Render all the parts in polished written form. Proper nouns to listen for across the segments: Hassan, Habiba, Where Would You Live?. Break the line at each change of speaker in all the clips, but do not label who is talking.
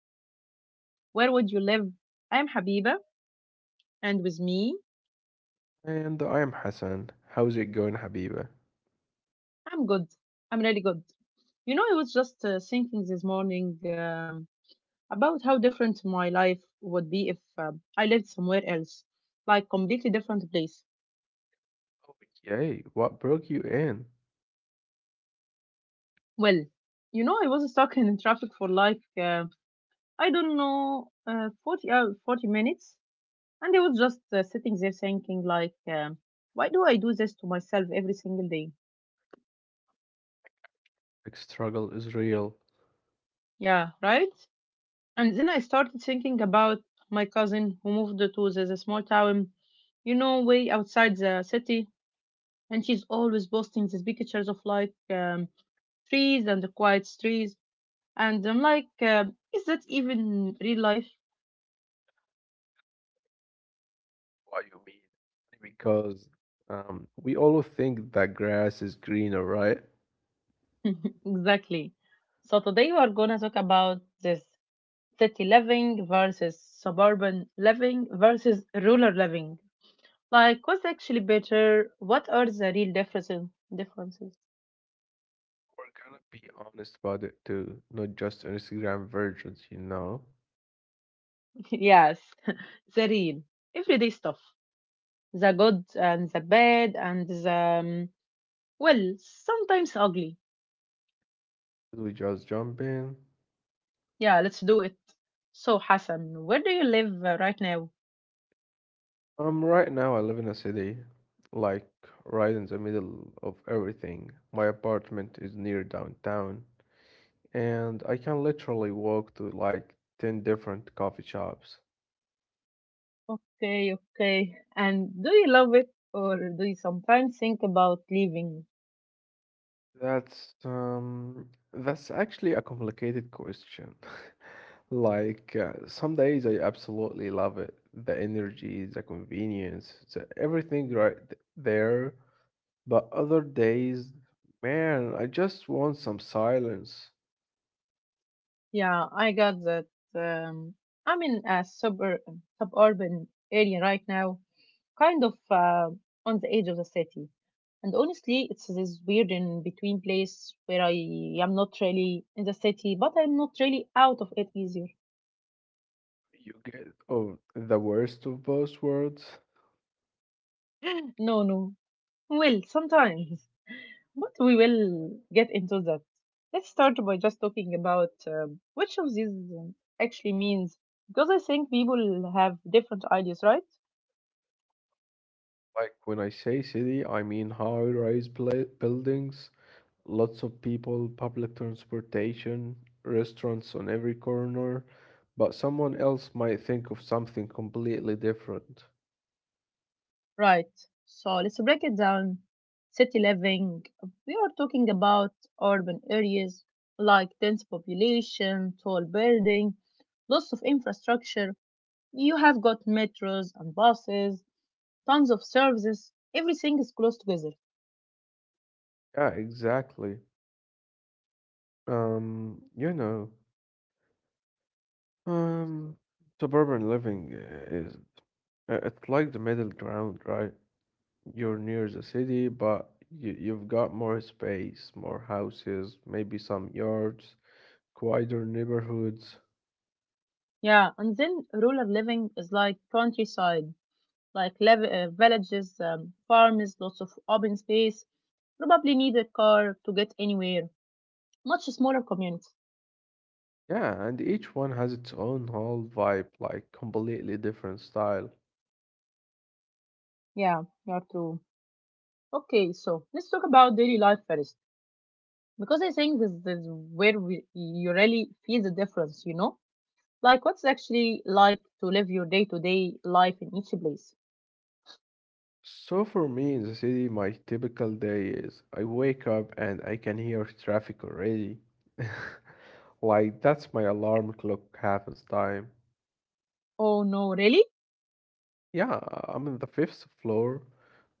of Where Would You Live? I'm Habiba, and with me,
And I am Hassan. How's it going, Habiba?
I'm good. I'm really good. You know, I was just thinking this morning about how different my life would be if I lived somewhere else, like completely different place.
Oh, yay. What broke you in?
Well, you know, I was stuck in traffic for like I don't know 40 40 minutes, and I was just sitting there thinking like, why do I do this to myself every single day?
Like, struggle is real.
Yeah, right? And then I started thinking about my cousin who moved to the small town, you know, way outside the city. And she's always posting these pictures of like trees and the quiet streets. And I'm like, is that even real life?
What you mean? Because we all think that grass is greener, right?
Exactly. So today we're gonna talk about this city living versus suburban living versus rural living. Like, what's actually better? What are the real differences? Differences?
We're gonna be honest about it too, not just Instagram versions, you know?
Yes, the real everyday stuff. The good and the bad and the well, sometimes ugly.
Should we just jump in?
Yeah, let's do it. So, Hassan, where do you live right now?
Right now I live in a city, like right in the middle of everything. My apartment is near downtown, and I can literally walk to like 10 different coffee shops.
Okay, okay. And do you love it or do you sometimes think about leaving?
That's that's actually a complicated question. Like some days I absolutely love it. The energy, the convenience, the everything right there. But other days, man, I just want some silence.
Yeah, I got that. Um, I'm in a super suburban area right now, kind of on the edge of the city. And honestly, it's this weird in between place where I am not really in the city, but I'm not really out of it either.
You get the worst of both worlds.
No, no. Well, sometimes. But we will get into that. Let's start by just talking about which of these um, actually means, because I think people have different ideas, right?
Like when I say city, I mean high-rise pla buildings, lots of people, public transportation, restaurants on every corner, but someone else might think of something completely different.
Right. So let's break it down. City living. We are talking about urban areas like dense population, tall building, lots of infrastructure. You have got metros and buses, tons of services. Everything is close together.
Yeah, exactly. Um, you know, um, suburban living is it's like the middle ground, right? You're near the city, but you've got more space, more houses, maybe some yards, quieter neighborhoods.
Yeah, and then rural living is like countryside, like villages, farms, lots of open space. Probably need a car to get anywhere. Much smaller community.
Yeah, and each one has its own whole vibe, like completely different style.
Yeah, you're true. Okay, so let's talk about daily life first, because I think this is where you really feel the difference, you know? Like, what's actually like to live your day to day life in each place?
So for me in the city, my typical day is I wake up and I can hear traffic already. Like that's my alarm clock half the time.
Oh, no, really?
Yeah, I'm in the fifth floor,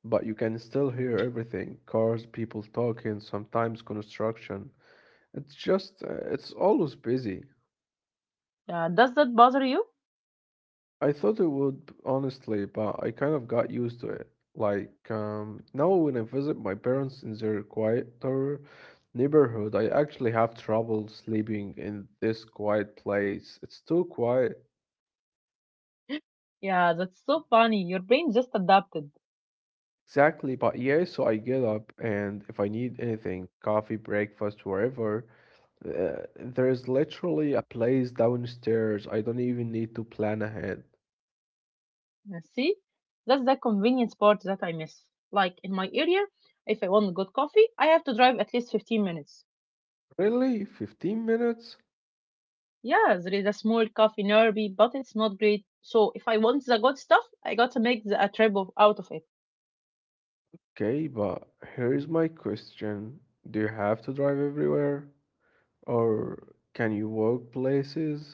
but you can still hear everything. Cars, people talking, sometimes construction. It's just, it's always busy.
Yeah, does that bother you?
I thought it would, honestly, but I kind of got used to it. Like, now when I visit my parents in their quieter neighborhood, I actually have trouble sleeping in this quiet place. It's too quiet.
Yeah, that's so funny. Your brain just adapted.
Exactly, but yeah, so I get up and if I need anything, coffee, breakfast, wherever, there is literally a place downstairs. I don't even need to plan ahead.
Yeah, see? That's the convenience part that I miss. Like, in my area, if I want good coffee, I have to drive at least 15 minutes.
Really? 15 minutes?
Yeah, there is a small coffee nearby, but it's not great. So if I want the good stuff, I gotta make a trip out of it.
Okay, but here's my question. Do you have to drive everywhere? Or can you walk places?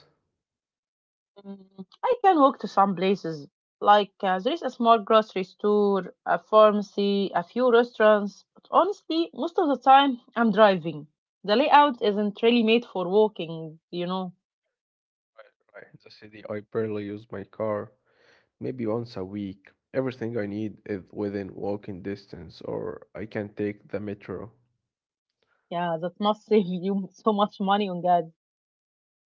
Mm, I can walk to some places, like there is a small grocery store, a pharmacy, a few restaurants. But honestly, most of the time I'm driving. The layout isn't really made for walking, you know.
Right, in the city, I barely use my car, maybe once a week. Everything I need is within walking distance, or I can take the metro.
Yeah, that must save you so much money on gas.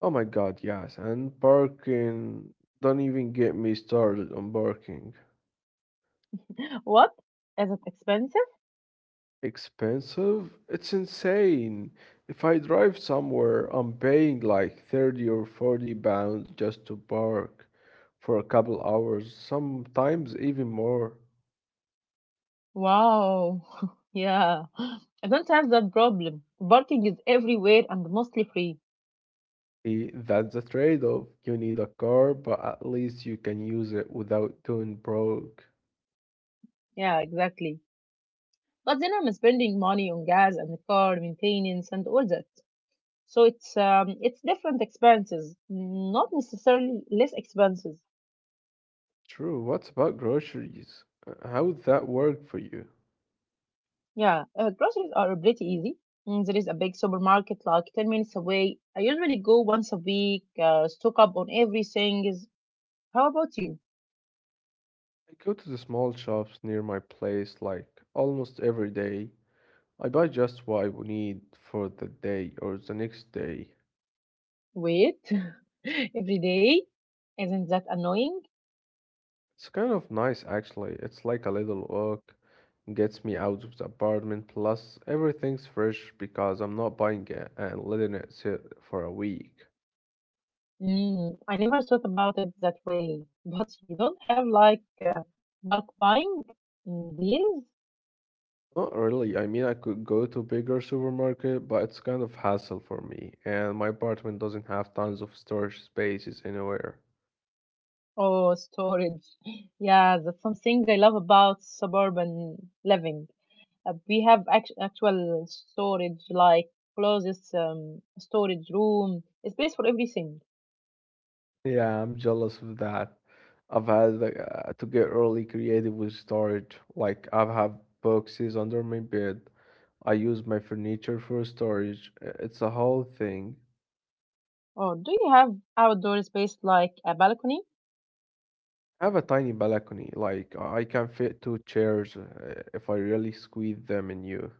Oh my God, yes, and parking. Don't even get me started on parking.
What? Is it expensive?
Expensive? It's insane. If I drive somewhere, I'm paying like 30 or £40 just to park for a couple hours, sometimes even more.
Wow. Yeah. I don't have that problem. Parking is everywhere and mostly free.
See, that's the trade-off. You need a car, but at least you can use it without doing broke.
Yeah, exactly. But then I'm spending money on gas and car maintenance and all that. So it's different expenses, not necessarily less expenses.
True. What about groceries? How would that work for you?
Yeah, groceries are pretty easy. Mm, there is a big supermarket like 10 minutes away. I usually go once a week, stock up on everything. Is how about you?
I go to the small shops near my place like almost every day. I buy just what I would need for the day or the next day.
Wait, every day? Isn't that annoying?
It's kind of nice actually. It's like a little walk, gets me out of the apartment, plus everything's fresh because I'm not buying it and letting it sit for a week.
Mm, I never thought about it that way. But you don't have like bulk buying mm, deals
Not really, I mean I could go to bigger supermarket, but it's kind of hassle for me, and my apartment doesn't have tons of storage spaces anywhere.
or storage. Yeah, that's something I love about suburban living. We have actual storage, like closets, storage room, a space for everything.
Yeah, I'm jealous of that. I've had to get really creative with storage. Like I have boxes under my bed. I use my furniture for storage. It's a whole thing.
Or do you have outdoor space like a balcony?
I have a tiny balcony. Like I can fit two chairs if I really squeeze them in you.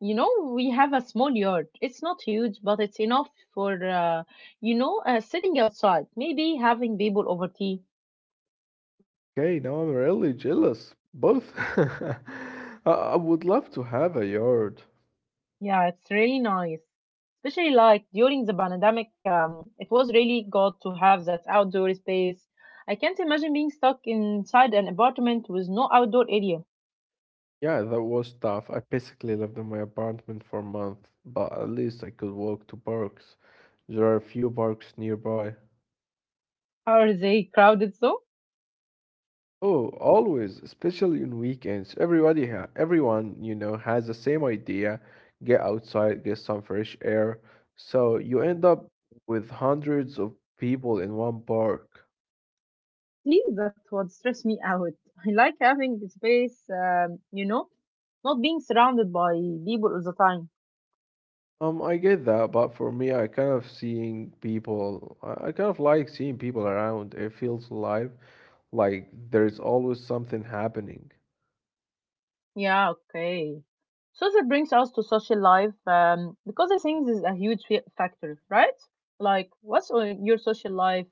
You know, we have a small yard, it's not huge but it's enough for you know sitting outside, maybe having people over tea.
Okay, now I'm really jealous. Both. I would love to have a yard.
Yeah, it's really nice, especially like during the pandemic. It was really good to have that outdoor space. I can't imagine being stuck inside an apartment with no outdoor area.
Yeah, that was tough. I basically lived in my apartment for a month, but at least I could walk to parks. There are a few parks nearby.
Are they crowded though?
Oh, always, especially on weekends. Everybody ha Everyone, you know, has the same idea. Get outside, get some fresh air. So you end up with hundreds of people in one park.
See, that would stress me out. I like having the space, you know, not being surrounded by people all the time.
I get that, but for me, I kind of seeing people. I kind of like seeing people around. It feels alive, like there's always something happening.
Yeah, okay. So that brings us to social life, because I think this is a huge factor, right? Like, what's on your social life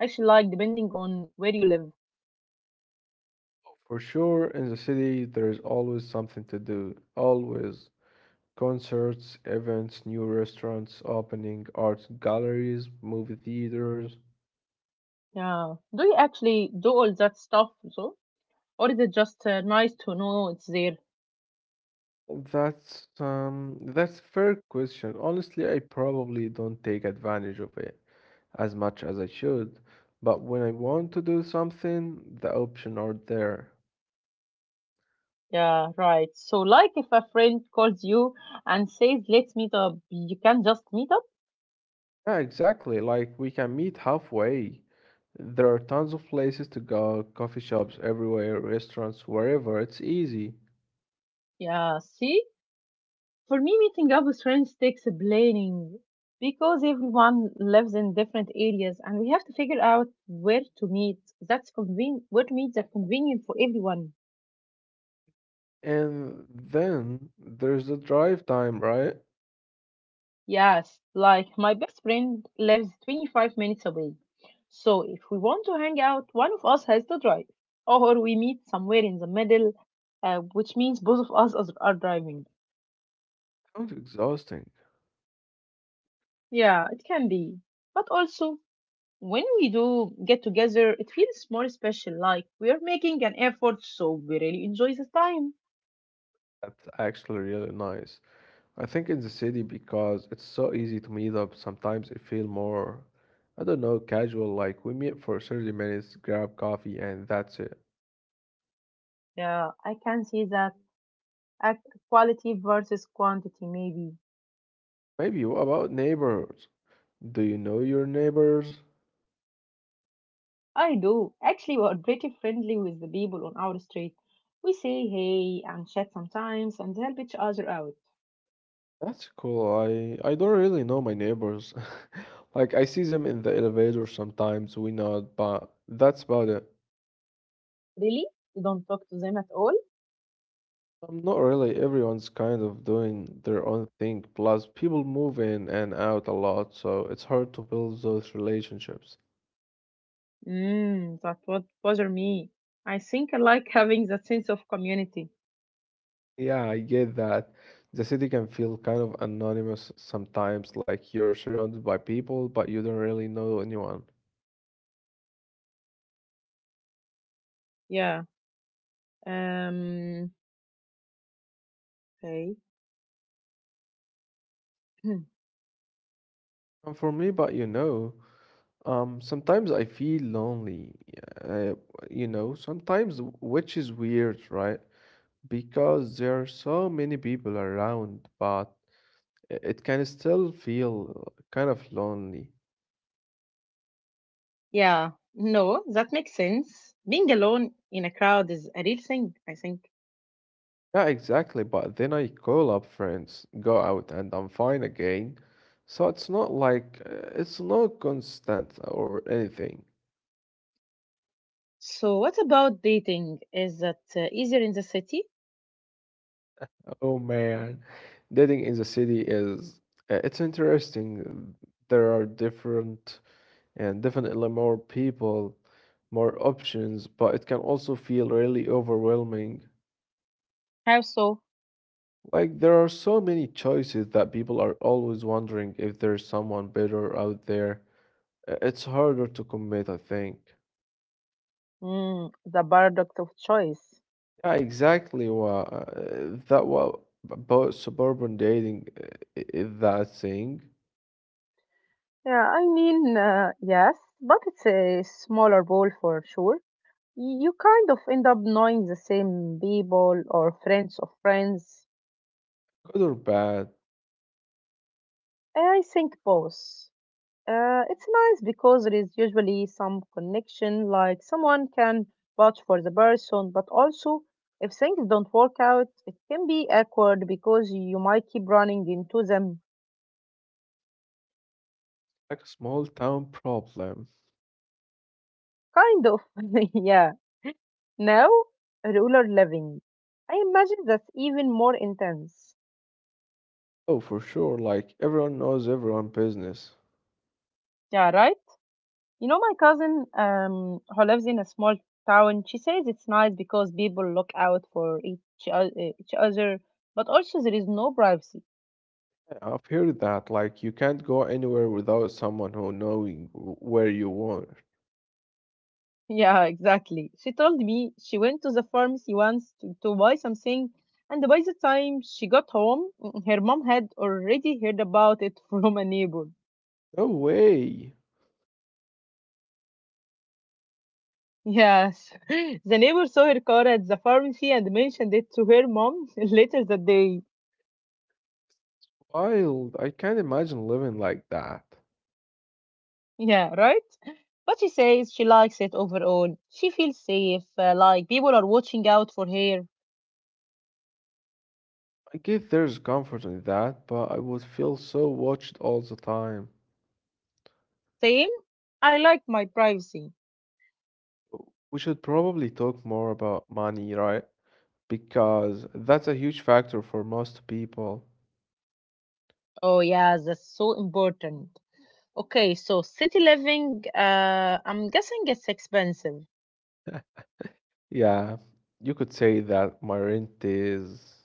actually like, depending on where you live?
For sure, in the city, there's always something to do. Always concerts, events, new restaurants opening, art galleries, movie theaters.
Yeah. Do you actually do all that stuff, so? Or is it just nice to know it's there?
That's a fair question. Honestly, I probably don't take advantage of it as much as I should, but when I want to do something, the options are there.
Yeah, right. So, like, if a friend calls you and says, let's meet up, you can just meet up?
Yeah, exactly. Like we can meet halfway. There are tons of places to go, coffee shops everywhere, restaurants, wherever. It's easy.
Yeah, see? For me, meeting up with friends takes planning because everyone lives in different areas and we have to figure out where to meet. Where to meet that's convenient for everyone.
And then there's the drive time, right?
Yes, like my best friend lives 25 minutes away. So if we want to hang out, one of us has to drive. Or we meet somewhere in the middle, which means both of us are driving.
Sounds exhausting.
Yeah, it can be. But also, when we do get together, it feels more special, like we are making an effort, so we really enjoy the time.
That's actually really nice. I think in the city because it's so easy to meet up. Sometimes it feel more, I don't know, casual. Like we meet for 30 minutes, grab coffee, and that's it.
Yeah, I can see that. At quality versus quantity, maybe.
Maybe what about neighbors? Do you know your neighbors?
I do. Actually, we are pretty friendly with the people on our street. We say hey and chat sometimes and help each other out.
That's cool. I don't really know my neighbors. Like I see them in the elevator sometimes. We nod, but that's about it.
Really? You don't talk to them at all?
Not really. Everyone's kind of doing their own thing. Plus, people move in and out a lot, so it's hard to build those relationships.
Mmm, that would bother me. I think I like having that sense of community.
Yeah, I get that. The city can feel kind of anonymous sometimes, like you're surrounded by people, but you don't really know anyone.
Yeah. Um, okay.
And for me, but you know, sometimes I feel lonely. Uh, sometimes, which is weird, right? Because there are so many people around, but it can still feel kind of lonely.
Yeah, no, that makes sense. Being alone in a crowd is a real thing, I think.
Yeah, exactly. But then I call up friends, go out, and I'm fine again. So it's not like it's not constant or anything.
So, what about dating? Is that easier in the city?
Oh man, dating in the city is it's interesting. There are different and definitely more people, more options, but it can also feel really overwhelming.
How so?
Like there are so many choices that people are always wondering if there's someone better out there. It's harder to commit, I think.
Mm, the paradox of choice.
Yeah, exactly. Well, that what about suburban dating is that thing,
Yeah, I mean, yes, but it's a smaller bowl for sure. You kind of end up knowing the same people or friends of friends.
good or bad,
I think both. It's nice because there is usually some connection, like someone can vouch for the person, but also if things don't work out, it can be awkward because you might keep running into them.
like a small town problem.
Kind of, yeah. Now, rural living. I imagine that's even more intense.
Oh, for sure. Like everyone knows everyone business.
Yeah, right? You know, my cousin who lives in a small town, she says it's nice because people look out for o- each other, but also there is no privacy.
Yeah, I've heard that. Like you can't go anywhere without someone who knowing where you are.
Yeah, exactly. She told me she went to the pharmacy once to buy something, and by the time she got home, her mom had already heard about it from a neighbor.
No way.
Yes, the neighbor saw her car at the pharmacy and mentioned it to her mom later that day.
Wild. I can't imagine living like that.
Yeah, right? But she says she likes it overall. She feels safe, like people are watching out for her.
I guess there's comfort in that, but I would feel so watched all the time.
Same? I like my privacy.
We should probably talk more about money, right? Because that's a huge factor for most people.
Oh, yeah, that's so important. Okay, so city living, I'm guessing it's expensive.
Yeah, you could say that my rent is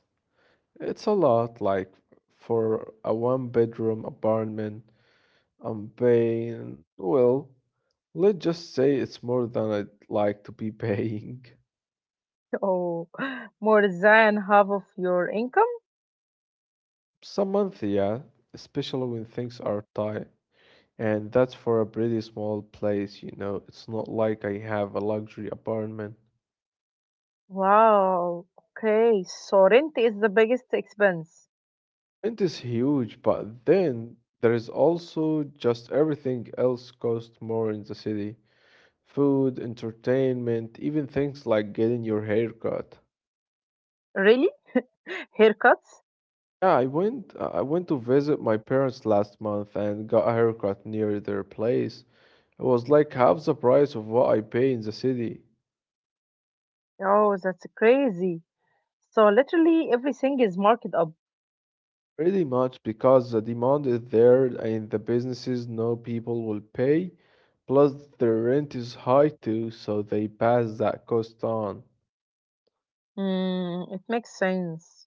it's a lot like for a one bedroom apartment I'm paying well, let's just say it's more than I'd like to be paying.
Oh, more than half of your income?
Some month, yeah, especially when things are tight. And that's for a pretty small place, you know. It's not like I have a luxury apartment.
Wow. Okay, so rent is the biggest expense.
It is huge, but then there is also just everything else costs more in the city. Food, entertainment, even things like getting your hair cut.
Really? Haircuts?
Yeah, I went to visit my parents last month and got a haircut near their place. It was like half the price of what I pay in the city.
Oh, that's crazy. So literally everything is marked up.
Pretty much because the demand is there and the businesses know people will pay. Plus, the rent is high too, so they pass that cost on.
Mm, it makes sense.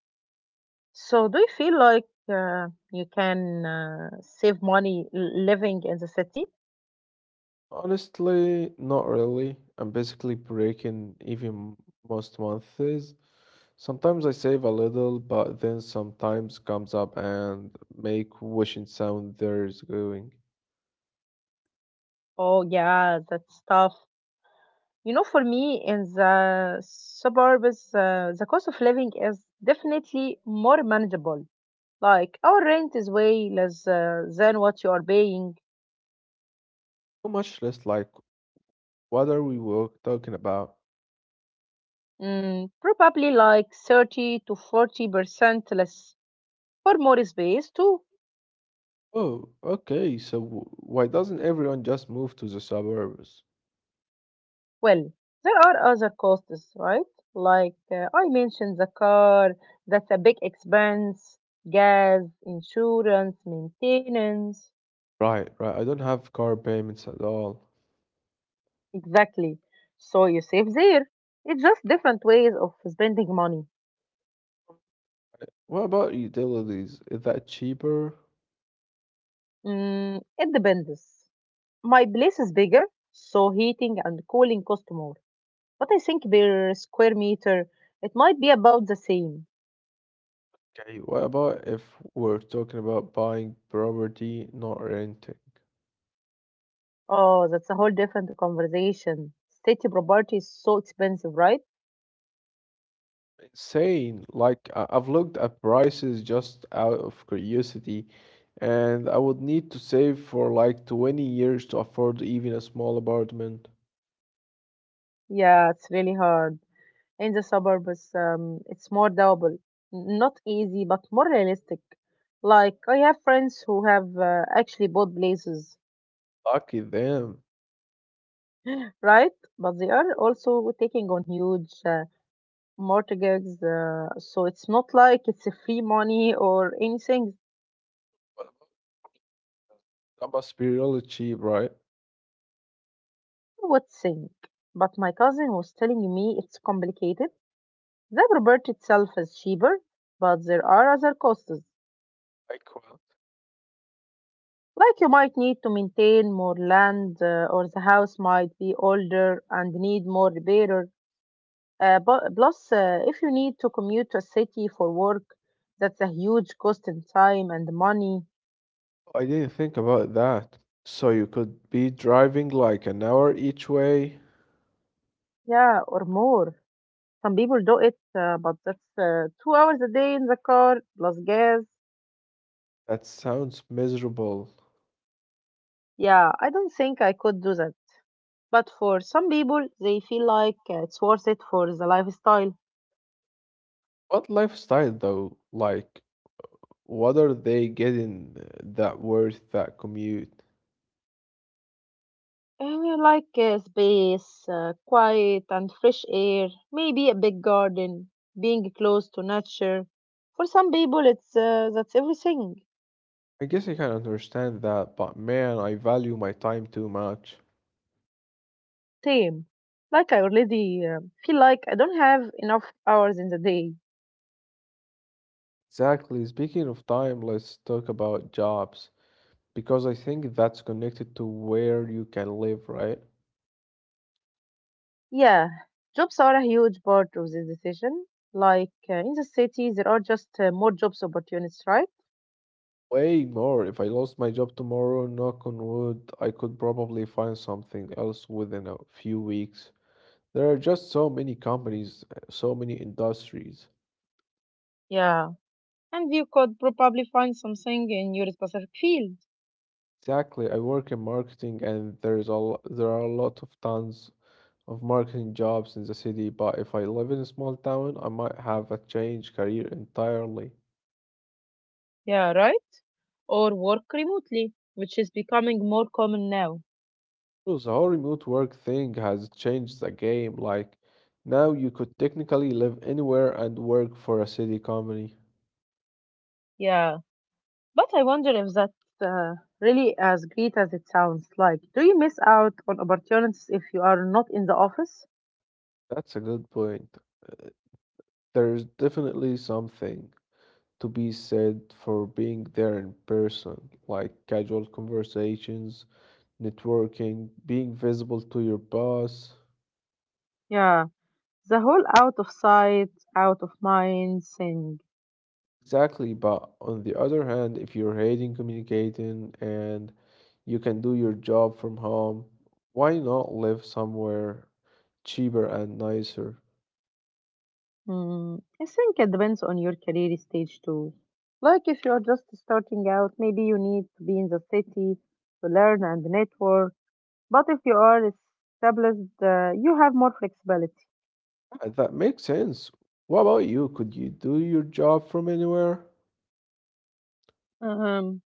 So do you feel like uh, you can save money living in the city?
Honestly, not really. I'm basically breaking even most months. Sometimes I save a little, but then sometimes comes up and make wishing sound there's going.
Oh, yeah, that's tough. You know, for me in the suburbs, the cost of living is definitely more manageable. Like our rent is way less than what you are paying,
So much less like, what are we work talking about?
mm, probably like 30 to 40% less for more space too.
Oh, okay, so why doesn't everyone just move to the suburbs?
Well, there are other costs, right? Like I mentioned the car, that's a big expense, gas, insurance, maintenance.
Right, right, I don't have car payments at all.
Exactly. So you save there. It's just different ways of spending money.
What about utilities? Is that cheaper?
Mm, it depends. My place is bigger, so heating and cooling cost more. But I think per square meter, it might be about the same.
Okay, what about if we're talking about buying property, not renting?
Oh, that's a whole different conversation. City property is so expensive, right?
Insane. Like, I've looked at prices just out of curiosity, and I would need to save for like 20 years to afford even a small apartment.
Yeah, it's really hard. In the suburbs, it's more doable. Not easy, but more realistic. Like, I have friends who have actually bought places,
Lucky them.
right? But they are also taking on huge mortgages, so it's not like it's a free money or anything.
But that must be really cheap, right?
You would think. But my cousin was telling me it's complicated. The property itself is cheaper, but there are other costs.
Like, well,
Like you might need to maintain more land, or the house might be older and need more repair. Plus, if you need to commute to a city for work, that's a huge cost in time and money.
I didn't think about that. So you could be driving like an hour each way?
Yeah, or more. Some people do it, but that's 2 hours a day in the car plus gas.
That sounds miserable.
Yeah, I don't think I could do that. But for some people, they feel like it's worth it for the lifestyle.
What lifestyle though? Like, what are they getting eh, that worth that commute?
Space, quiet, and fresh air, maybe a big garden, being close to nature. For some people, it's that's everything.
I guess I can understand that, but man, I value my time too much.
Same. Like I already feel like I don't have enough hours in the day.
Exactly. Speaking of time, let's talk about jobs because I think that's connected to where you can live, right?
Yeah, jobs are a huge part of this decision. In the city, there are just more jobs opportunities, right?
Way more. If I lost my job tomorrow, knock on wood, I could probably find something else within a few weeks. There are just so many companies, so many industries.
Yeah, and you could probably find something in your specific field.
Exactly. I work in marketing and there's there are a lot of tons of marketing jobs in the city, but if I live in a small town, I might have a change career entirely.
Yeah, right? Or work remotely, which is becoming more common now.
So the whole remote work thing has changed the game. Like now you could technically live anywhere and work for a city company.
Yeah, but I wonder if that's really as great as it sounds like. Do you miss out on opportunities if you are not in the office?
That's a good point. There's definitely something to be said for being there in person, like casual conversations networking, being visible to your boss.
Yeah, the whole out of sight, out of mind thing.
Exactly, but on the other hand, if you're hating communicating and you can do your job from home, why not live somewhere cheaper and nicer?
Mm, I think it depends on your career stage too. Like if you're just starting out, maybe you need to be in the city to learn and network. But if you are established, you have more flexibility.
That makes sense. What about you? Could you do your job from anywhere?
Um,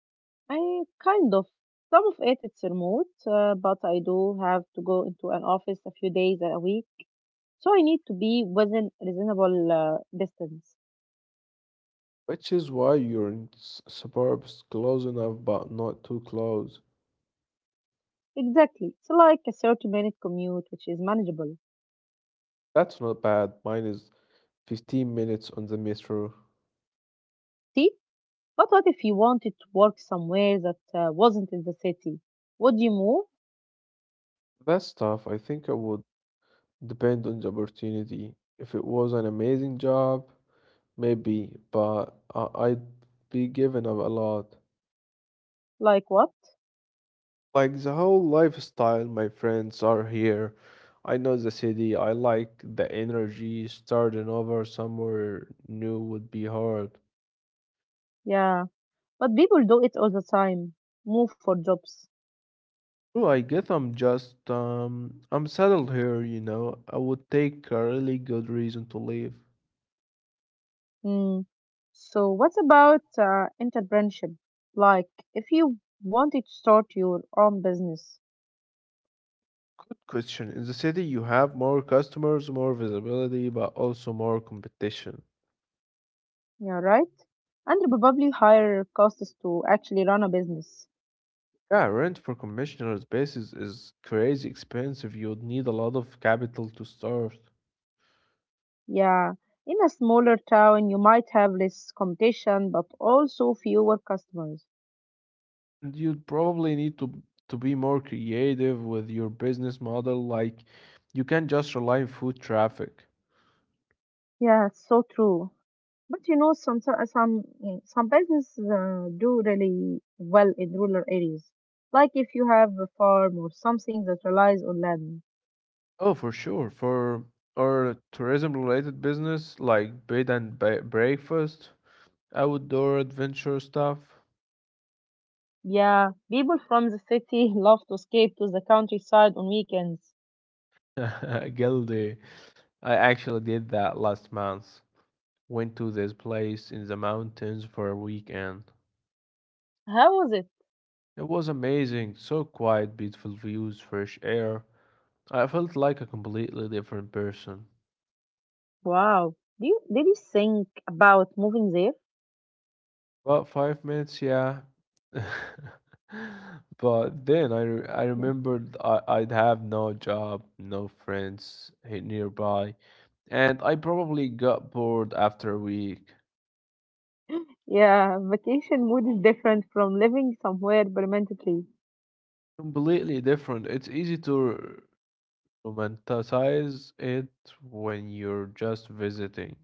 I kind of some of it's remote, but I do have to go into an office a few days a week, so I need to be within reasonable distance.
Which is why you're in suburbs close enough but not too close.
Exactly, it's like a 30-minute commute, which is manageable.
That's not bad. Mine is 15 minutes on the metro.
See? But what if you wanted to work somewhere that wasn't in the city? Would you move?
That stuff I think I would depend on the opportunity. If it was an amazing job, maybe, but I'd be giving up a lot.
Like what?
Like the whole lifestyle, my friends are here. I know the city. I like the energy. Starting over somewhere new would be hard.
Yeah, but people do it all the time. Move for jobs.
Well, I guess I'm just I'm settled here, you know. I would take a really good reason to leave.
Mm. So what about entrepreneurship? Like if you wanted to start your own business,
Good question. In the city, you have more customers, more visibility, but also more competition.
yeah, right? And probably higher costs to actually run a business.
Yeah, rent for commercial spaces is crazy expensive. You'd need a lot of capital to start.
Yeah, in a smaller town, you might have less competition, but also fewer customers.
And you'd probably need to be more creative with your business model. Like you can't just rely on food traffic.
Yeah, it's so true. But you know, some businesses do really well in rural areas. Like if you have a farm or something that relies on land.
Oh, for sure. For or tourism related business like bed and breakfast, outdoor adventure stuff.
Yeah, people from the city love to escape to the countryside on weekends.
Guilty. I actually did that last month. Went to this place in the mountains for a weekend.
How was it?
It was amazing, so quiet, beautiful views, fresh air. I felt like a completely different person.
Wow. Did you think about moving there?
About 5 minutes, yeah. But then I remembered I'd have no job, no friends nearby, and I probably got bored after a week.
Yeah, vacation mood is different from living somewhere permanently.
Completely different. It's easy to romanticize it when you're just visiting.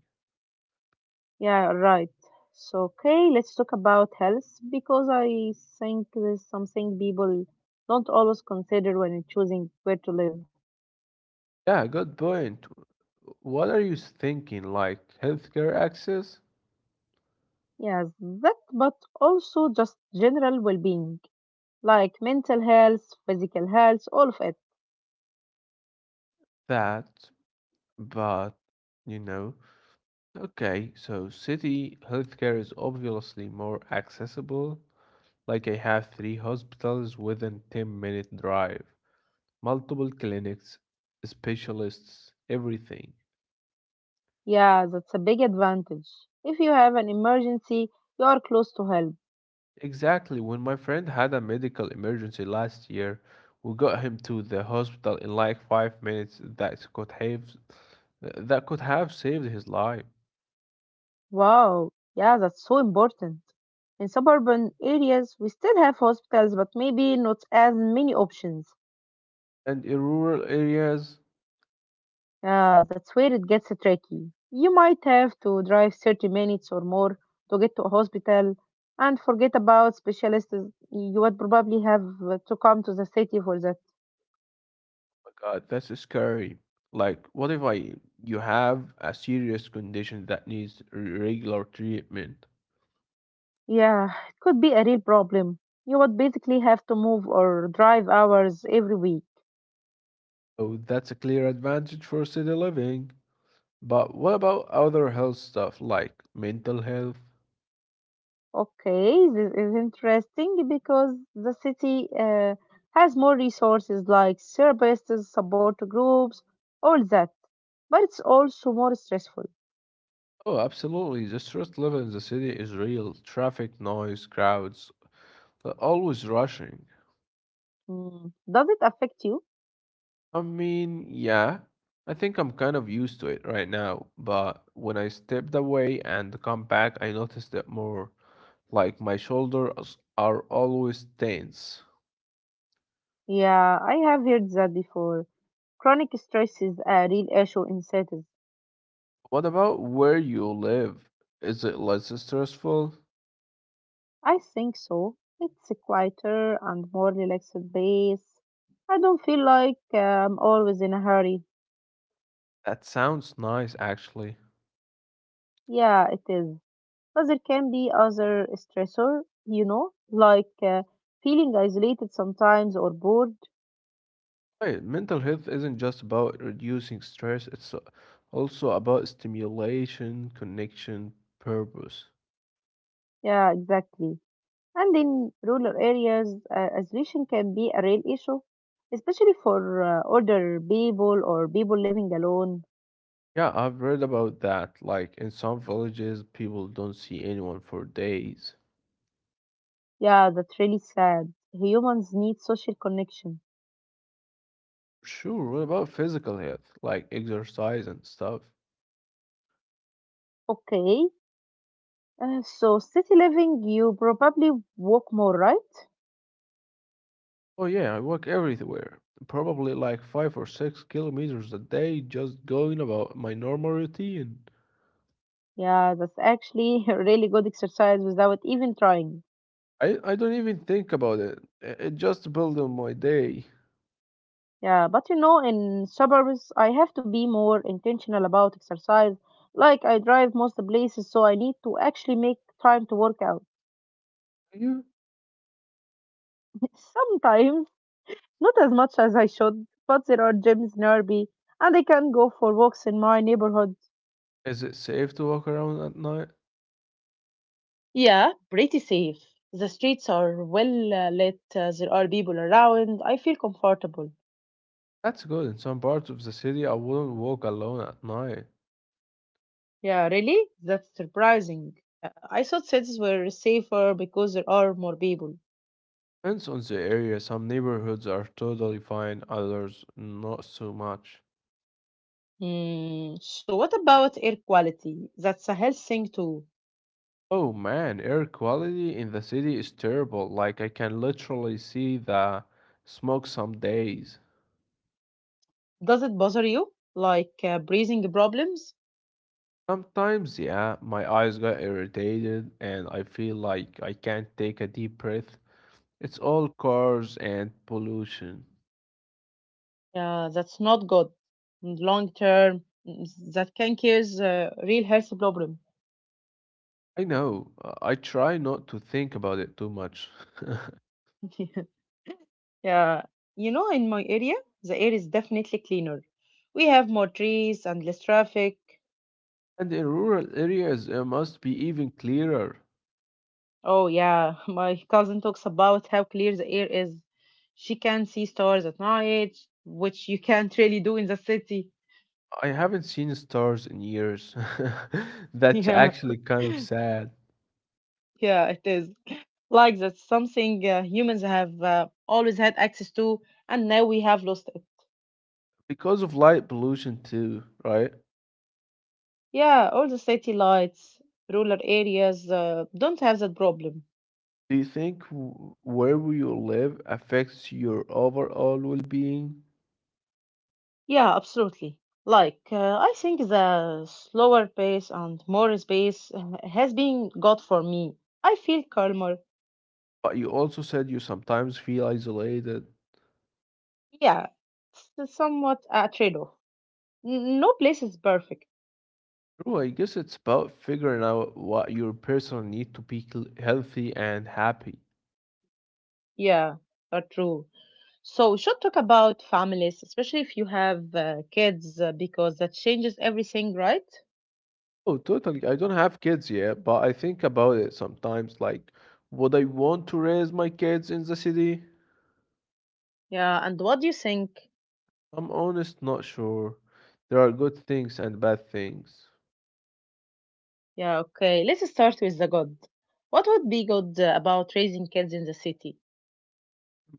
Yeah, right. So, okay, let's talk about health because I think there's something people don't always consider when choosing where to live.
Yeah, good point. What are you thinking? Like healthcare access?
Yes, that, but also just general well being, like mental health, physical health, all of it.
That, but you know, okay, so city healthcare is obviously more accessible. Like I have three hospitals within 10-minute drive, multiple clinics, specialists, everything.
Yeah, that's a big advantage. If you have an emergency, you are close to help.
Exactly. When my friend had a medical emergency last year, we got him to the hospital in like 5 minutes. That could have saved his life.
Wow, yeah, that's so important. In suburban areas, we still have hospitals, but maybe not as many options.
And in rural areas,
Yeah, that's where it gets tricky. You might have to drive 30 minutes or more to get to a hospital and forget about specialists. You would probably have to come to the city for that.
oh my God, that's scary. Like, what if I you have a serious condition that needs regular treatment?
Yeah, it could be a real problem. You would basically have to move or drive hours every week.
Oh, that's a clear advantage for city living. But what about other health stuff like mental health?
Okay, this is interesting because the city has more resources like therapists, support groups, all that, but it's also more stressful.
Oh, absolutely. The stress level in the city is real. Traffic, noise, crowds, they're always rushing.
Mm. Does it affect you?
I mean, yeah, I think I'm kind of used to it right now, but when I stepped away and come back, I noticed it more. Like my shoulders are always tense.
Yeah, I have heard that before. Chronic stress is a real issue in cities.
What about where you live? Is it less stressful?
I think so. It's a quieter and more relaxed pace. I don't feel like I'm always in a hurry.
That sounds nice, actually.
Yeah, it is. But there can be other stressor, you know, feeling isolated sometimes or bored.
Right. Mental health isn't just about reducing stress, also about stimulation, connection, purpose.
Yeah, exactly. And in rural areas, isolation can be a real issue, especially for older people or people living alone.
Yeah, I've read about that. Like in some villages, people don't see anyone for days.
Yeah, that's really sad. Humans need social connection.
Sure, what about physical health, like exercise and stuff?
Okay, so city living, you probably walk more, right?
Oh, yeah, I walk everywhere. Probably like 5 or 6 kilometers a day just going about my normal routine.
Yeah, that's actually a really good exercise without even trying.
I don't even think about it. It just builds on my day.
Yeah, but you know, in suburbs, I have to be more intentional about exercise. Like, I drive most places, so I need to actually make time to work out.
You?
Sometimes, not as much as I should, but there are gyms nearby, and I can go for walks in my neighborhood.
Is it safe to walk around at night?
Yeah, pretty safe. The streets are well lit, there are people around, I feel comfortable.
That's good. In some parts of the city, I wouldn't walk alone at night.
Yeah, really? That's surprising. I thought cities were safer because there are more people.
Depends on the area. Some neighborhoods are totally fine, others not so much.
Hmm. So, what about air quality? That's a health thing too.
Oh man, air quality in the city is terrible. Like I can literally see the smoke some days.
Does it bother you? Breathing problems?
Sometimes, yeah, my eyes get irritated and I feel like I can't take a deep breath. It's all cars and pollution.
Yeah, that's not good. Long term, mm, that can cause real health problem.
I know. I try not to think about it too much.
yeah, you know, in my area, the air is definitely cleaner. We have more trees and less traffic.
And in rural areas, it must be even clearer.
Oh yeah, my cousin talks about how clear the air is. She can see stars at night, which you can't really do in the city.
I haven't seen stars in years. That's
Yeah,
actually kind of sad.
yeah, it is. Like that's something humans have always had access to, and now we have lost.
Because of light pollution, too, right?
Yeah, all the city lights, rural areas don't have that problem.
Do you think where you live affects your overall well being?
Yeah, absolutely. Like, I think the slower pace and more space has been good for me. I feel calmer.
But you also said you sometimes feel isolated.
Yeah, it's somewhat a trade-off. No place is perfect.
True, I guess it's about figuring out what your personal need to be healthy and happy.
Yeah, are true. So we should talk about families, especially if you have kids, because that changes everything, right?
Oh, totally. I don't have kids yet, but I think about it sometimes. Like, would I want to raise my kids in the city?
Yeah, and what do you think?
I'm honest, not sure. There are good things and bad things.
Yeah, okay. Let's start with the good. What would be good about raising kids in the city?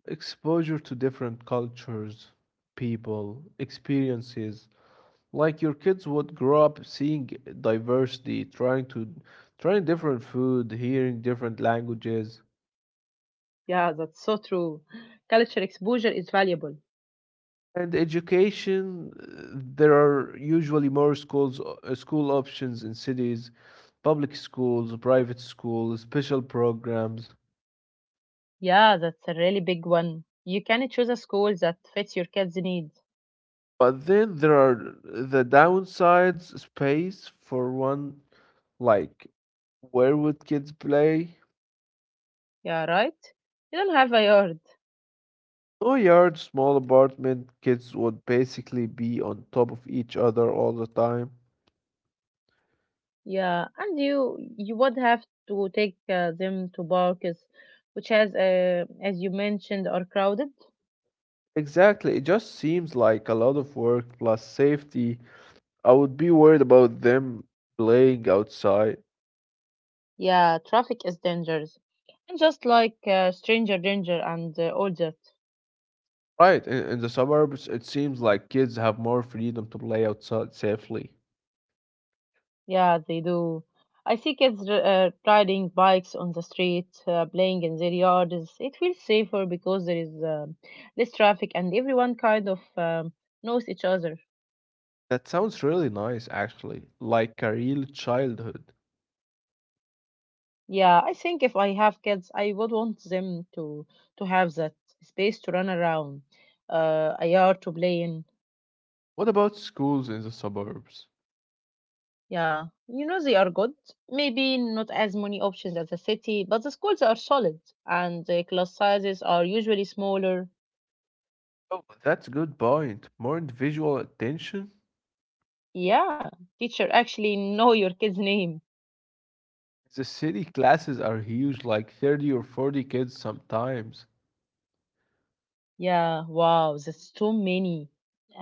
Exposure to different cultures, people, experiences. Like your kids would grow up seeing diversity, trying different food, hearing different languages.
Yeah, that's so true. Cultural exposure is valuable.
And education, there are usually more schools, school options in cities, public schools, private schools, special programs.
Yeah, that's a really big one. You can choose a school that fits your kids' needs.
But then there are the downsides, space for one, like where would kids play?
Yeah, right? You don't have a yard.
No yard, small apartment, kids would basically be on top of each other all the time.
Yeah, and you would have to take them to parks, which has, as you mentioned, are crowded.
Exactly, it just seems like a lot of work plus safety I would be worried about them playing outside.
Yeah, traffic is dangerous. And just like stranger danger and all that.
Right, in the suburbs, it seems like kids have more freedom to play outside safely.
Yeah, they do. I see kids riding bikes on the street, playing in their yards. It feels safer because there is less traffic and everyone kind of knows each other.
That sounds really nice, actually, like a real childhood.
Yeah, I think if I have kids, I would want them to have that space to run around, a yard to play in.
What about schools in the suburbs?
Yeah, you know they are good. Maybe not as many options as the city, but the schools are solid and the class sizes are usually smaller.
Oh, that's a good point. More individual attention?
Yeah, teacher actually know your kid's name.
The city classes are huge, like 30 or 40 kids sometimes.
Yeah, wow, that's too many.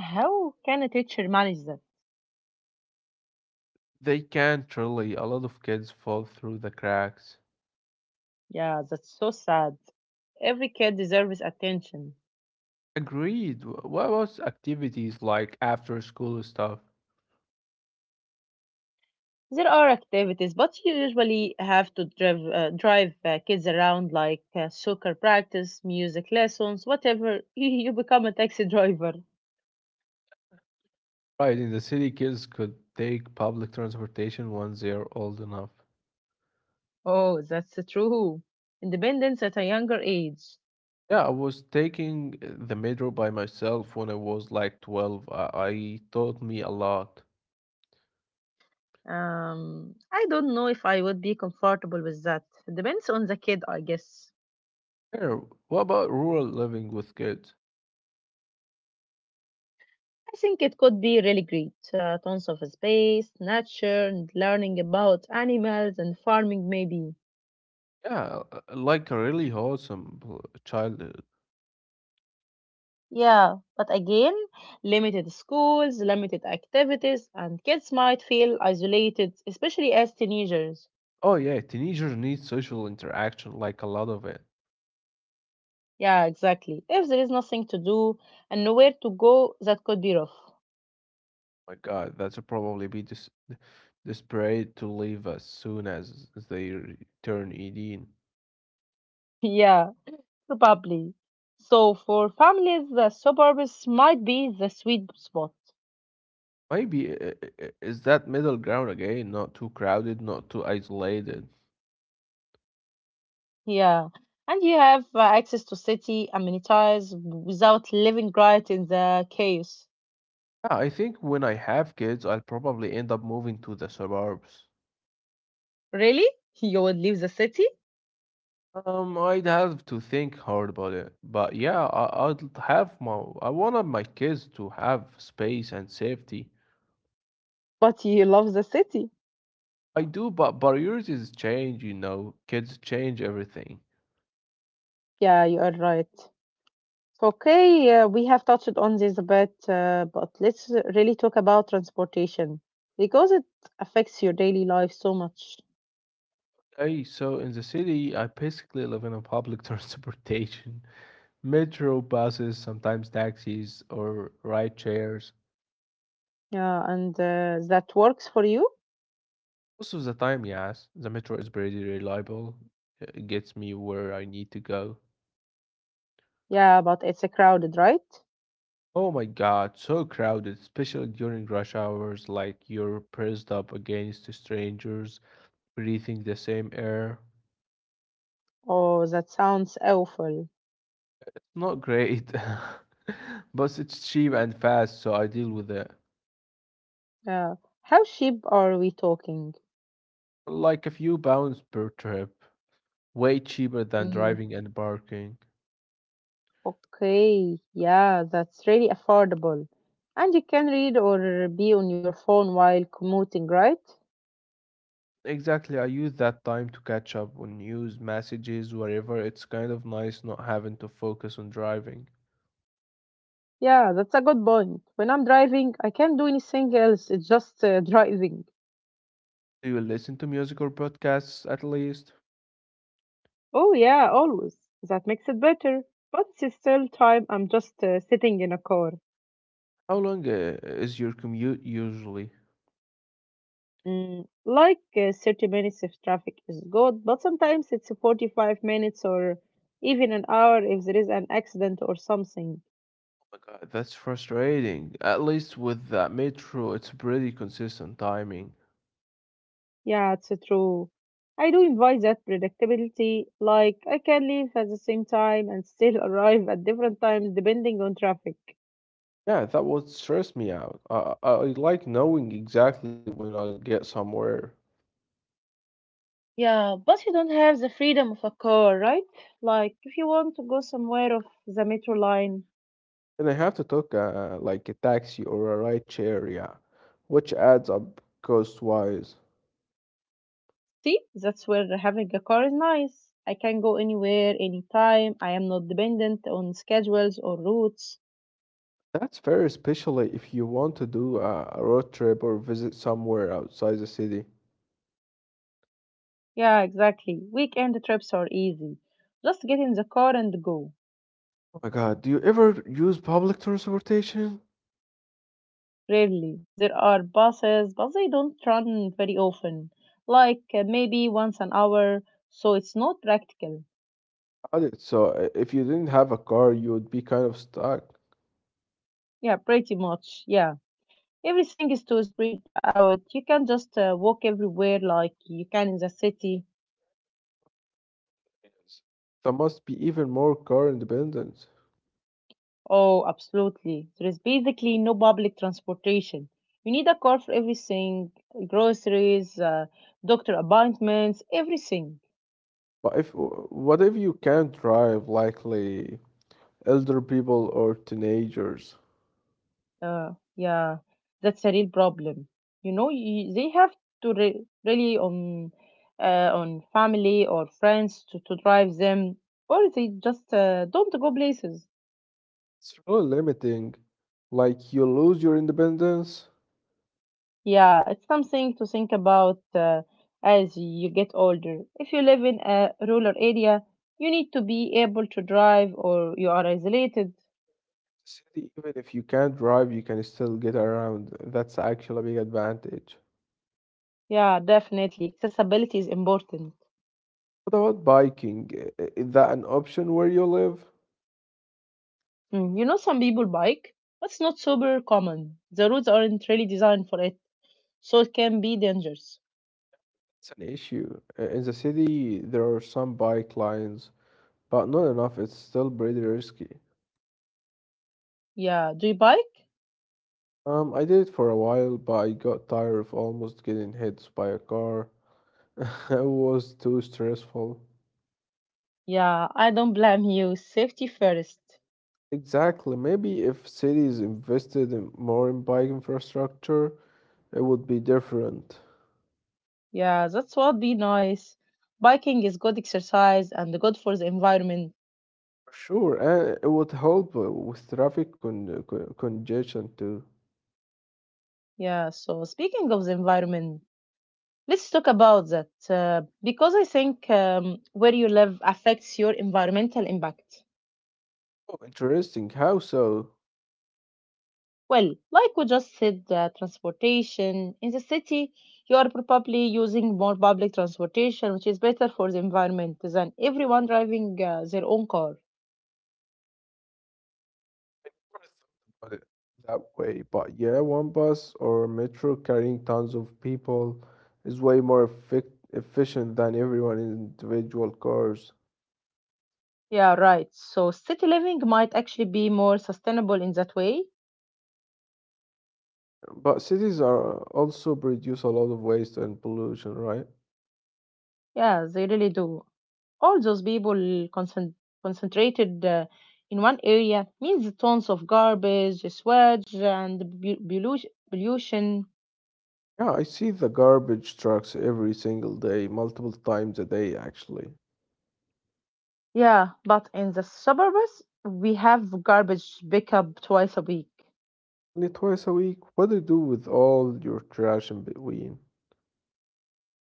How can a teacher manage that?
They can't really, a lot of kids fall through the cracks.
Yeah, that's so sad. Every kid deserves attention.
Agreed. What about activities like after school stuff?
There are activities, but you usually have to drive kids around like soccer practice, music lessons, whatever. You become a taxi driver.
Right, in the city, kids could take public transportation once they are old enough.
Oh, that's true. Independence at a younger age.
Yeah, I was taking the metro by myself when I was like 12. I taught me a lot.
I don't know if I would be comfortable with that. Depends on the kid, I guess.
Yeah, what about rural living with kids?
I think it could be really great. Tons of space, nature, and learning about animals and farming, maybe.
Yeah, like a really wholesome childhood.
Yeah, but again, limited schools, limited activities, and kids might feel isolated, especially as teenagers.
Oh yeah, teenagers need social interaction, like a lot of it.
Yeah, exactly. If there is nothing to do and nowhere to go, that could be rough.
My God, that would probably be dis desperate to leave as soon as they return. Turn 18.
Yeah. Probably. So for families, the suburbs might be the sweet spot.
Maybe is that middle ground again, not too crowded, not too isolated.
Yeah. And you have access to city amenities without living right in the chaos.
Yeah, I think when I have kids, I'll probably end up moving to the suburbs.
Really? You would leave the city?
I'd have to think hard about it, but yeah, I'd have my I wanted my kids to have space and safety.
But you love the city.
I do, but priorities change, you know. Kids change everything.
Yeah, you are right. Okay, we have touched on this a bit, but let's really talk about transportation because it affects your daily life so much.
Hey, so in the city, I basically live in a public transportation, metro, buses, sometimes taxis or ride shares.
Yeah, and that works for you?
Most of the time, yes, the metro is pretty reliable. It gets me where I need to go.
Yeah, but it's crowded, right?
Oh my god, so crowded, especially during rush hours, like you're pressed up against strangers, breathing the same air.
Oh, that sounds awful.
Not great, but it's cheap and fast, so I deal with it.
Yeah. How cheap are we talking?
Like a few pounds per trip. Way cheaper than
Mm,
driving and parking.
okay. Yeah, that's really affordable. And you can read or be on your phone while commuting, right?
Exactly, I use that time to catch up on news, messages, whatever. It's kind of nice not having to focus on driving.
Yeah, that's a good point. When I'm driving, I can't do anything else. It's just driving.
Do you listen to music or podcasts at least?
Oh, yeah, always. That makes it better. But it's still time I'm just sitting in a car.
How long is your commute usually?
30 minutes if traffic is good, but sometimes it's 45 minutes or even an hour if there is an accident or something.
Oh my god, that's frustrating. At least with that metro, it's pretty consistent timing.
Yeah, it's true. I do enjoy that predictability, like I can leave at the same time and still arrive at different times depending on traffic.
Yeah, that would stress me out. I like knowing exactly when I'll get somewhere.
Yeah, but you don't have the freedom of a car, right? Like if you want to go somewhere off the metro line,
And I have to take like a taxi or a ride share, yeah, which adds up cost-wise.
see, that's where having a car is nice. I can go anywhere, anytime. I am not dependent on schedules or routes.
That's fair, especially if you want to do a road trip or visit somewhere outside the city.
Yeah, exactly. Weekend trips are easy. Just get in the car and go.
Oh my God, do you ever use public transportation?
Rarely. There are buses, but they don't run very often. Maybe once an hour, so it's not practical.
I did. So if you didn't have a car, you would be kind of stuck.
Yeah, pretty much. Yeah. Everything is too spread out. You can just walk everywhere like you can in the city.
Yes. That must be even more car independent.
Oh, absolutely. There is basically no public transportation. You need a car for everything, groceries, doctor appointments, everything.
But if what if you can't drive, likely elder people or teenagers?
Yeah, that's a real problem. You know, they have to rely on family or friends to drive them, or they just don't go places.
It's so limiting. Like you lose your independence.
Yeah, it's something to think about as you get older. If you live in a rural area, you need to be able to drive or you are isolated.
City, even if you can't drive, you can still get around. That's actually a big advantage.
Yeah, definitely. Accessibility is important.
What about biking? Is that an option where you live?
Mm, you know, some people bike, but it's not super common. The roads aren't really designed for it, so it can be dangerous.
It's an issue. In the city, there are some bike lanes, but not enough. It's still pretty risky.
Yeah, do you bike?
I did it for a while, but I got tired of almost getting hit by a car. It was too stressful.
Yeah, I don't blame you. Safety first.
Exactly. Maybe if cities invested in more in bike infrastructure, it would be different.
Yeah, that's what be nice. Biking is good exercise and good for the environment.
Sure, and it would help with traffic congestion too.
Yeah, so speaking of the environment, let's talk about that because I think where you live affects your environmental impact.
Oh, interesting. How so?
Well, like we just said, transportation in the city, you are probably using more public transportation, which is better for the environment than everyone driving their own car.
Never thought about it that way, but yeah, one bus or metro carrying tons of people is way more efficient than everyone in individual cars.
Yeah, right. So city living might actually be more sustainable in that way.
But cities are also produce a lot of waste and pollution, right?
Yeah, they really do. All those people concentrated in one area means tons of garbage, sewage, and pollution.
Yeah, I see the garbage trucks every single day, multiple times a day actually.
Yeah, but in the suburbs, we have garbage pickup twice a week.
Only twice a week. What do you do with all your trash in between?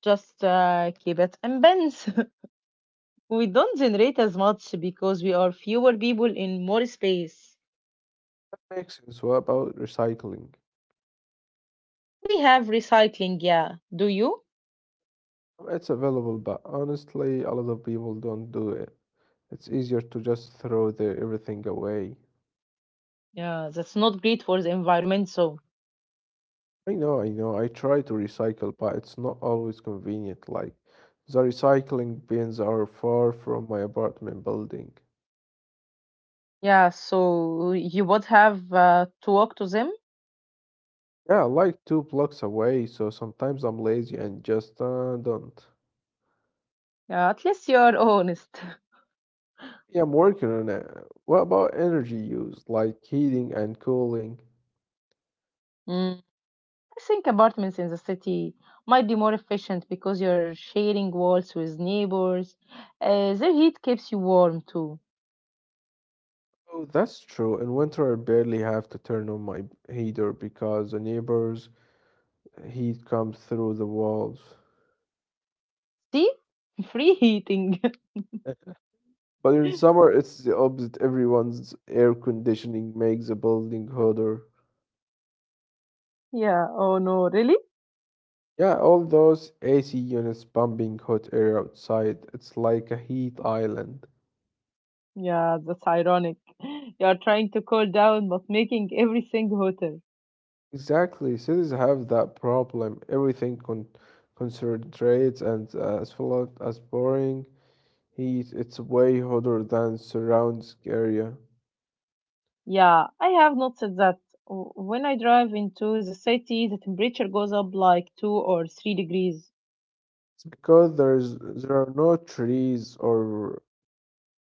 Just keep it in bins. We don't generate as much because we are fewer people in more space.
That makes sense. What about recycling?
We have recycling, yeah. Do you?
It's available, but honestly, a lot of people don't do it. It's easier to just throw the everything away.
Yeah, that's not great for the environment, so.
I know. I try to recycle, but it's not always convenient. Like, the recycling bins are far from my apartment building.
Yeah, so you would have to walk to them.
Yeah, like 2 blocks away, so sometimes I'm lazy and just don't.
Yeah, at least you are honest.
Yeah, I'm working on it. What about energy use, like heating and cooling?
Mm. I think apartments in the city might be more efficient because you're sharing walls with neighbors. Their heat keeps you warm too.
Oh, that's true. In winter, I barely have to turn on my heater because the neighbors' heat comes through the walls.
See? Free heating.
But in summer, it's the opposite. Everyone's air conditioning makes the building hotter.
Yeah, oh no, really?
Yeah, all those AC units pumping hot air outside, it's like a heat island.
Yeah, that's ironic. You're trying to cool down but making everything hotter.
Exactly. Cities have that problem. Everything con concentrates and as flat as boring heat. It's way hotter than surrounds area.
Yeah, I have noticed that when I drive into the city, the temperature goes up like 2 or 3 degrees.
It's because there's there are no trees or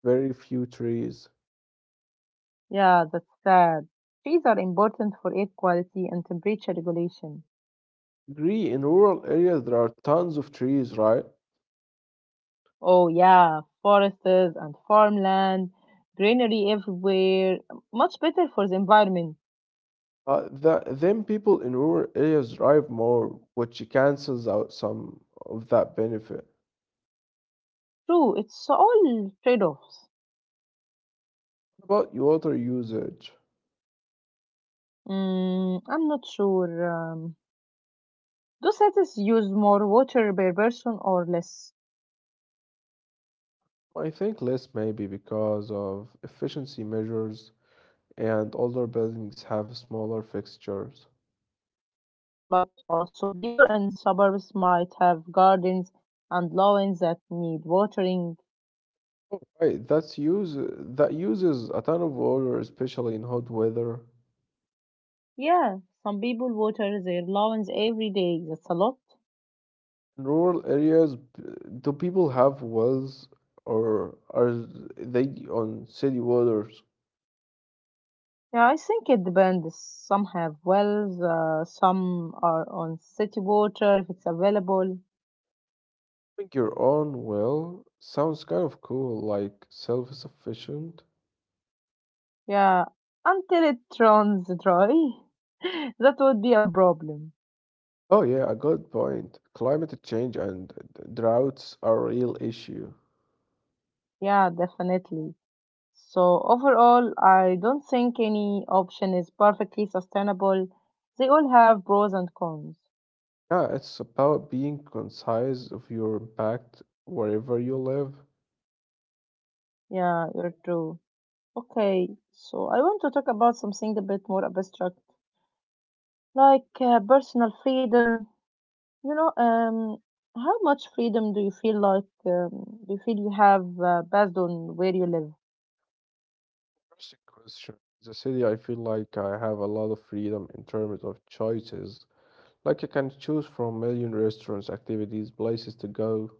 very few trees.
Yeah, that's sad. Trees are important for air quality and temperature regulation.
Agree, in rural areas there are tons of trees, right?
Oh, yeah, forests and farmland, greenery everywhere. Much better for the environment.
Then people in rural areas drive more, which cancels out some of that benefit.
True, it's all trade offs.
What about water usage?
Mm, I'm not sure. Do cities use more water per person or less?
I think less maybe because of efficiency measures and older buildings have smaller fixtures.
But also, people in suburbs might have gardens and lawns that need watering.
Oh, right, that uses a ton of water, especially in hot weather.
Yeah, some people water their lawns every day. That's a lot.
In rural areas, do people have wells or are they on city waters?
Yeah, I think it depends. Some have wells, some are on city water if it's available.
I think your own well sounds kind of cool, like self-sufficient.
Yeah, until it runs dry, that would be a problem.
Oh yeah, a good point. Climate change and droughts are a real issue.
Yeah, definitely. So, overall, I don't think any option is perfectly sustainable. They all have pros and cons.
Yeah, it's about being concise of your impact wherever you live.
Yeah, you're true. Okay, so I want to talk about something a bit more abstract. Like personal freedom, you know, how much freedom do you feel like do you feel you have based on where you live?
First question. The city, I feel like I have a lot of freedom in terms of choices. Like I can choose from million restaurants, activities, places to go.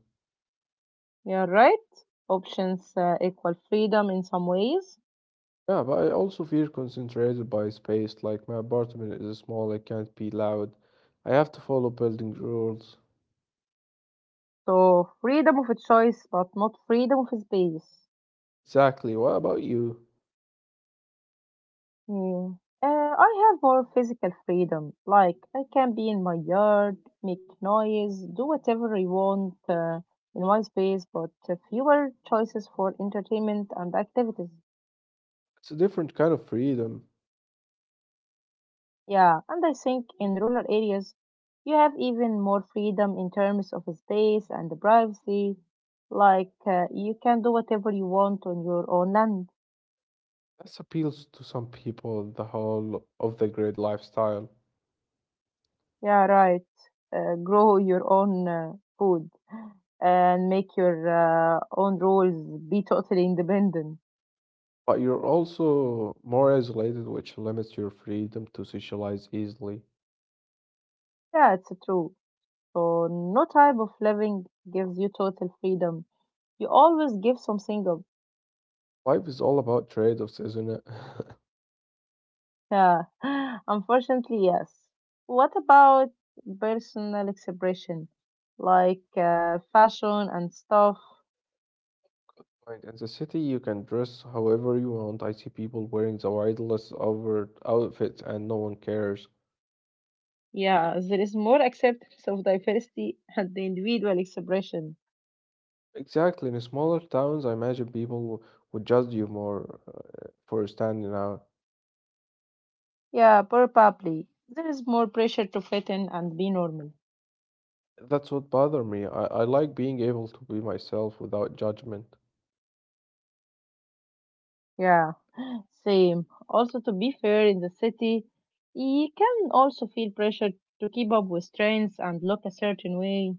Yeah, right, options equal freedom in some ways.
Yeah, but I also feel concentrated by space. Like my apartment is small, I can't be loud. I have to follow building rules.
So freedom of a choice but not freedom of space.
Exactly. What about you?
Hmm. I have more physical freedom, like I can be in my yard, make noise, do whatever I want, in my space, but fewer choices for entertainment and activities.
It's a different kind of freedom.
Yeah, and I think in rural areas, you have even more freedom in terms of space and privacy. Like, you can do whatever you want on your own land.
That appeals to some people, the whole of the grid lifestyle.
Yeah, right. Grow your own food and make your own rules, be totally independent.
But you're also more isolated, which limits your freedom to socialize easily.
Yeah, it's true. So, no type of living gives you total freedom. You always give something up.
Life is all about trade-offs, isn't it?
Yeah, unfortunately, yes. What about personal expression, like fashion and stuff?
Right, in the city, you can dress however you want. I see people wearing the wildest over outfits and no one cares.
Yeah, there is more acceptance of diversity and the individual expression.
Exactly. In smaller towns, I imagine people would judge you more for standing out.
Yeah, probably. There is more pressure to fit in and be normal.
That's what bothered me. I like being able to be myself without judgment.
Yeah, same. Also, to be fair, in the city, you can also feel pressure to keep up with trends and look a certain way.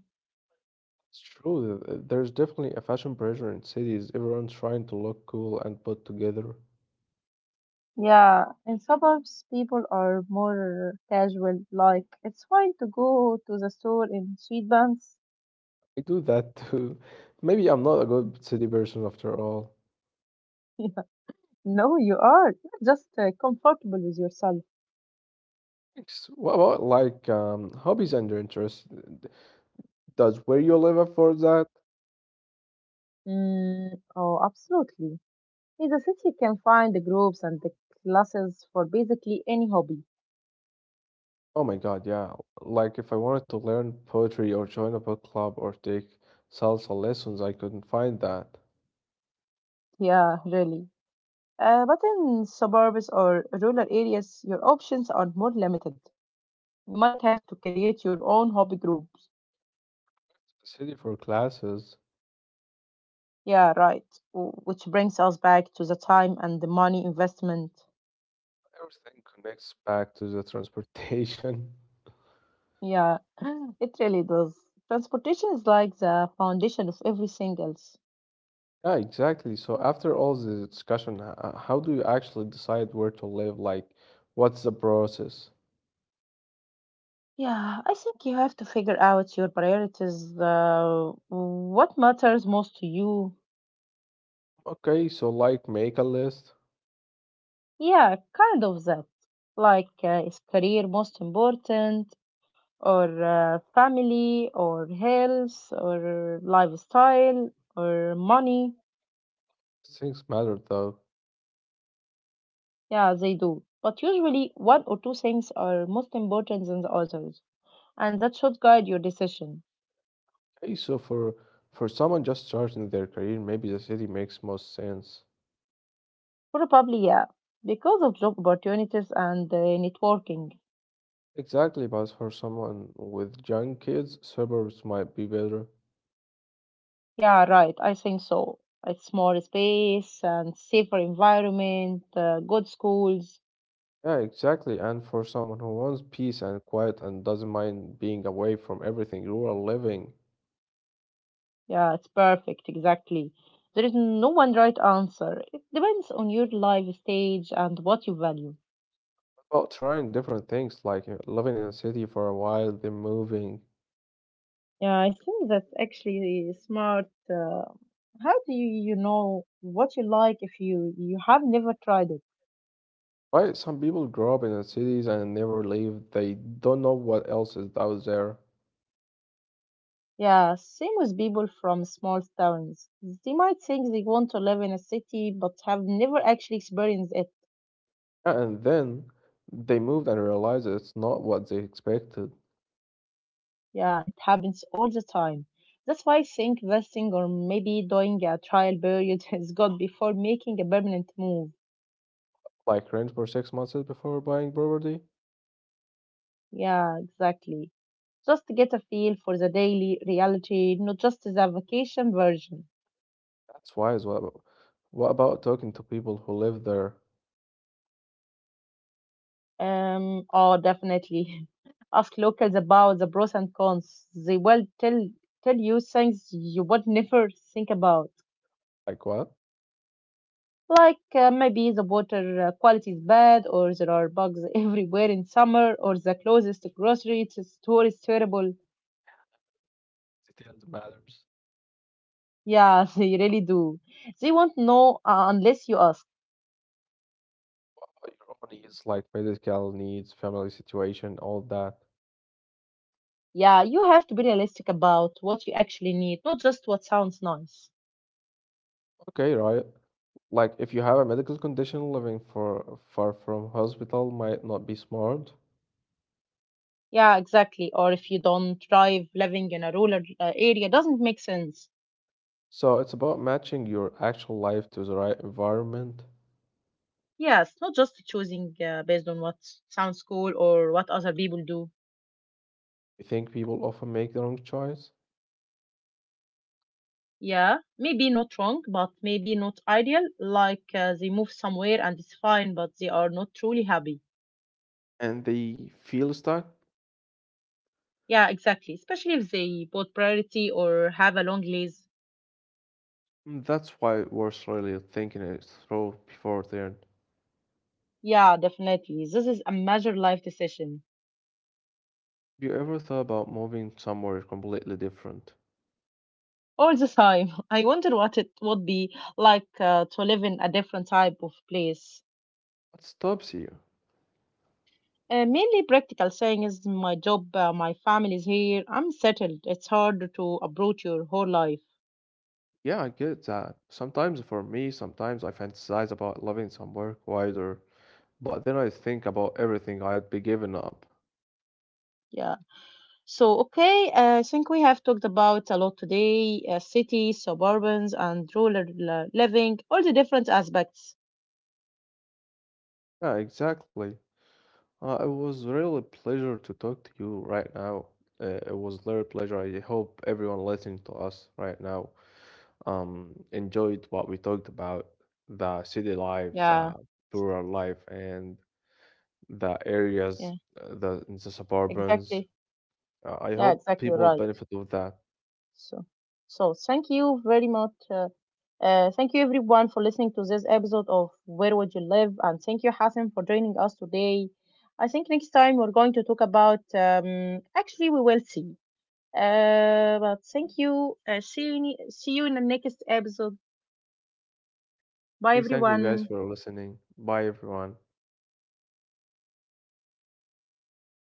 It's true. There's definitely a fashion pressure in cities. Everyone's trying to look cool and put together.
Yeah, in suburbs, people are more casual. Like, it's fine to go to the store in sweatpants.
I do that too. Maybe I'm not a good city person after all.
Yeah. No, you are. You're just comfortable with yourself.
Thanks. What about like hobbies and your interests? D- Does where you live afford that?
Mm, oh, absolutely. In the city, you can find the groups and the classes for basically any hobby.
Oh my God, yeah. Like if I wanted to learn poetry or join a book club or take salsa lessons, I couldn't find that.
Yeah, really. But in suburbs or rural areas, your options are more limited. You might have to create your own hobby group.
City for classes.
Yeah, right. Which brings us back to the time and the money investment.
Everything connects back to the transportation.
Yeah, it really does. Transportation is like the foundation of everything else.
Yeah, exactly. So after all this discussion, how do you actually decide where to live? Like, what's the process?
Yeah, I think you have to figure out your priorities, what matters most to you.
Okay, so like make a list.
Yeah, kind of that. Like, is career most important, or family, or health, or lifestyle, or money?
Things matter though.
Yeah, they do. But usually, one or two things are most important than the others, and that should guide your decision.
Okay, so for someone just starting their career, maybe the city makes most sense.
Probably, yeah, because of job opportunities and networking.
Exactly, but for someone with young kids, suburbs might be better.
Yeah, right, I think so. It's more space and safer environment, good schools.
Yeah, exactly. And for someone who wants peace and quiet and doesn't mind being away from everything, rural living.
Yeah, it's perfect, exactly. There is no one right answer. It depends on your life stage and what you value.
Well, trying different things like living in a city for a while, then moving.
Yeah, I think that's actually smart. How do you, you know what you like if you have never tried it?
Right? Some people grow up in the cities and never leave. They don't know what else is out there.
Yeah, same with people from small towns. They might think they want to live in a city but have never actually experienced it.
And then they moved and realized it's not what they expected.
Yeah, it happens all the time. That's why I think investing or maybe doing a trial period is good before making a permanent move.
Like rent for six months before buying property.
Yeah, exactly. Just to get a feel for the daily reality, not just the vacation version.
That's wise. What about talking to people who live there?
Oh, definitely. Ask locals about the pros and cons. They will tell you things you would never think about,
Like what?
like maybe the water quality is bad, or there are bugs everywhere in summer, or the closest grocery to store is terrible.
Details matters.
Yeah, they really do. They won't know unless you ask.
Your own needs, like medical needs, family situation, all that.
Yeah, you have to be realistic about what you actually need, not just what sounds nice.
Okay, right. Like, if you have a medical condition, living for, far from hospital might not be smart.
Yeah, exactly. Or if you don't drive, living in a rural area doesn't make sense.
So, it's about matching your actual life to the right environment.
Yes, not just choosing based on what sounds cool or what other people do.
I think people often make the wrong choice
Yeah, maybe not wrong, but maybe not ideal. Like they move somewhere and it's fine, but they are not truly happy.
and they feel stuck.
Yeah, exactly. Especially if they both priority or have a long lease.
Mm, that's why it worth really thinking it through before then.
Yeah, definitely. This is a major life decision.
Have you ever thought about moving somewhere completely different?
All the time, I wonder what it would be like to live in a different type of place.
What stops you?
Mainly practical, saying is my job, my family is here, I'm settled. It's hard to approach your whole life.
Yeah, I get that. Sometimes for me, sometimes I fantasize about living somewhere quieter, but then I think about everything I'd be giving up.
Yeah. So, okay, I think we have talked about a lot today, cities, suburbans, and rural living, all the different aspects.
Yeah, exactly. It was really a pleasure to talk to you right now. It was really a pleasure. I hope everyone listening to us right now enjoyed what we talked about, the city lives,
Yeah,
rural life, and the areas,
yeah,
the suburbans.
exactly.
I
Yeah,
hope
exactly
people
right.
benefit of that.
So, so thank you very much. Thank you everyone for listening to this episode of Where Would You Live? And thank you, Hassan, for joining us today. I think next time we're going to talk about, actually, we will see. But thank you. See you in the next episode. Bye,
Hey, thank you guys
everyone.
for listening. Bye, everyone.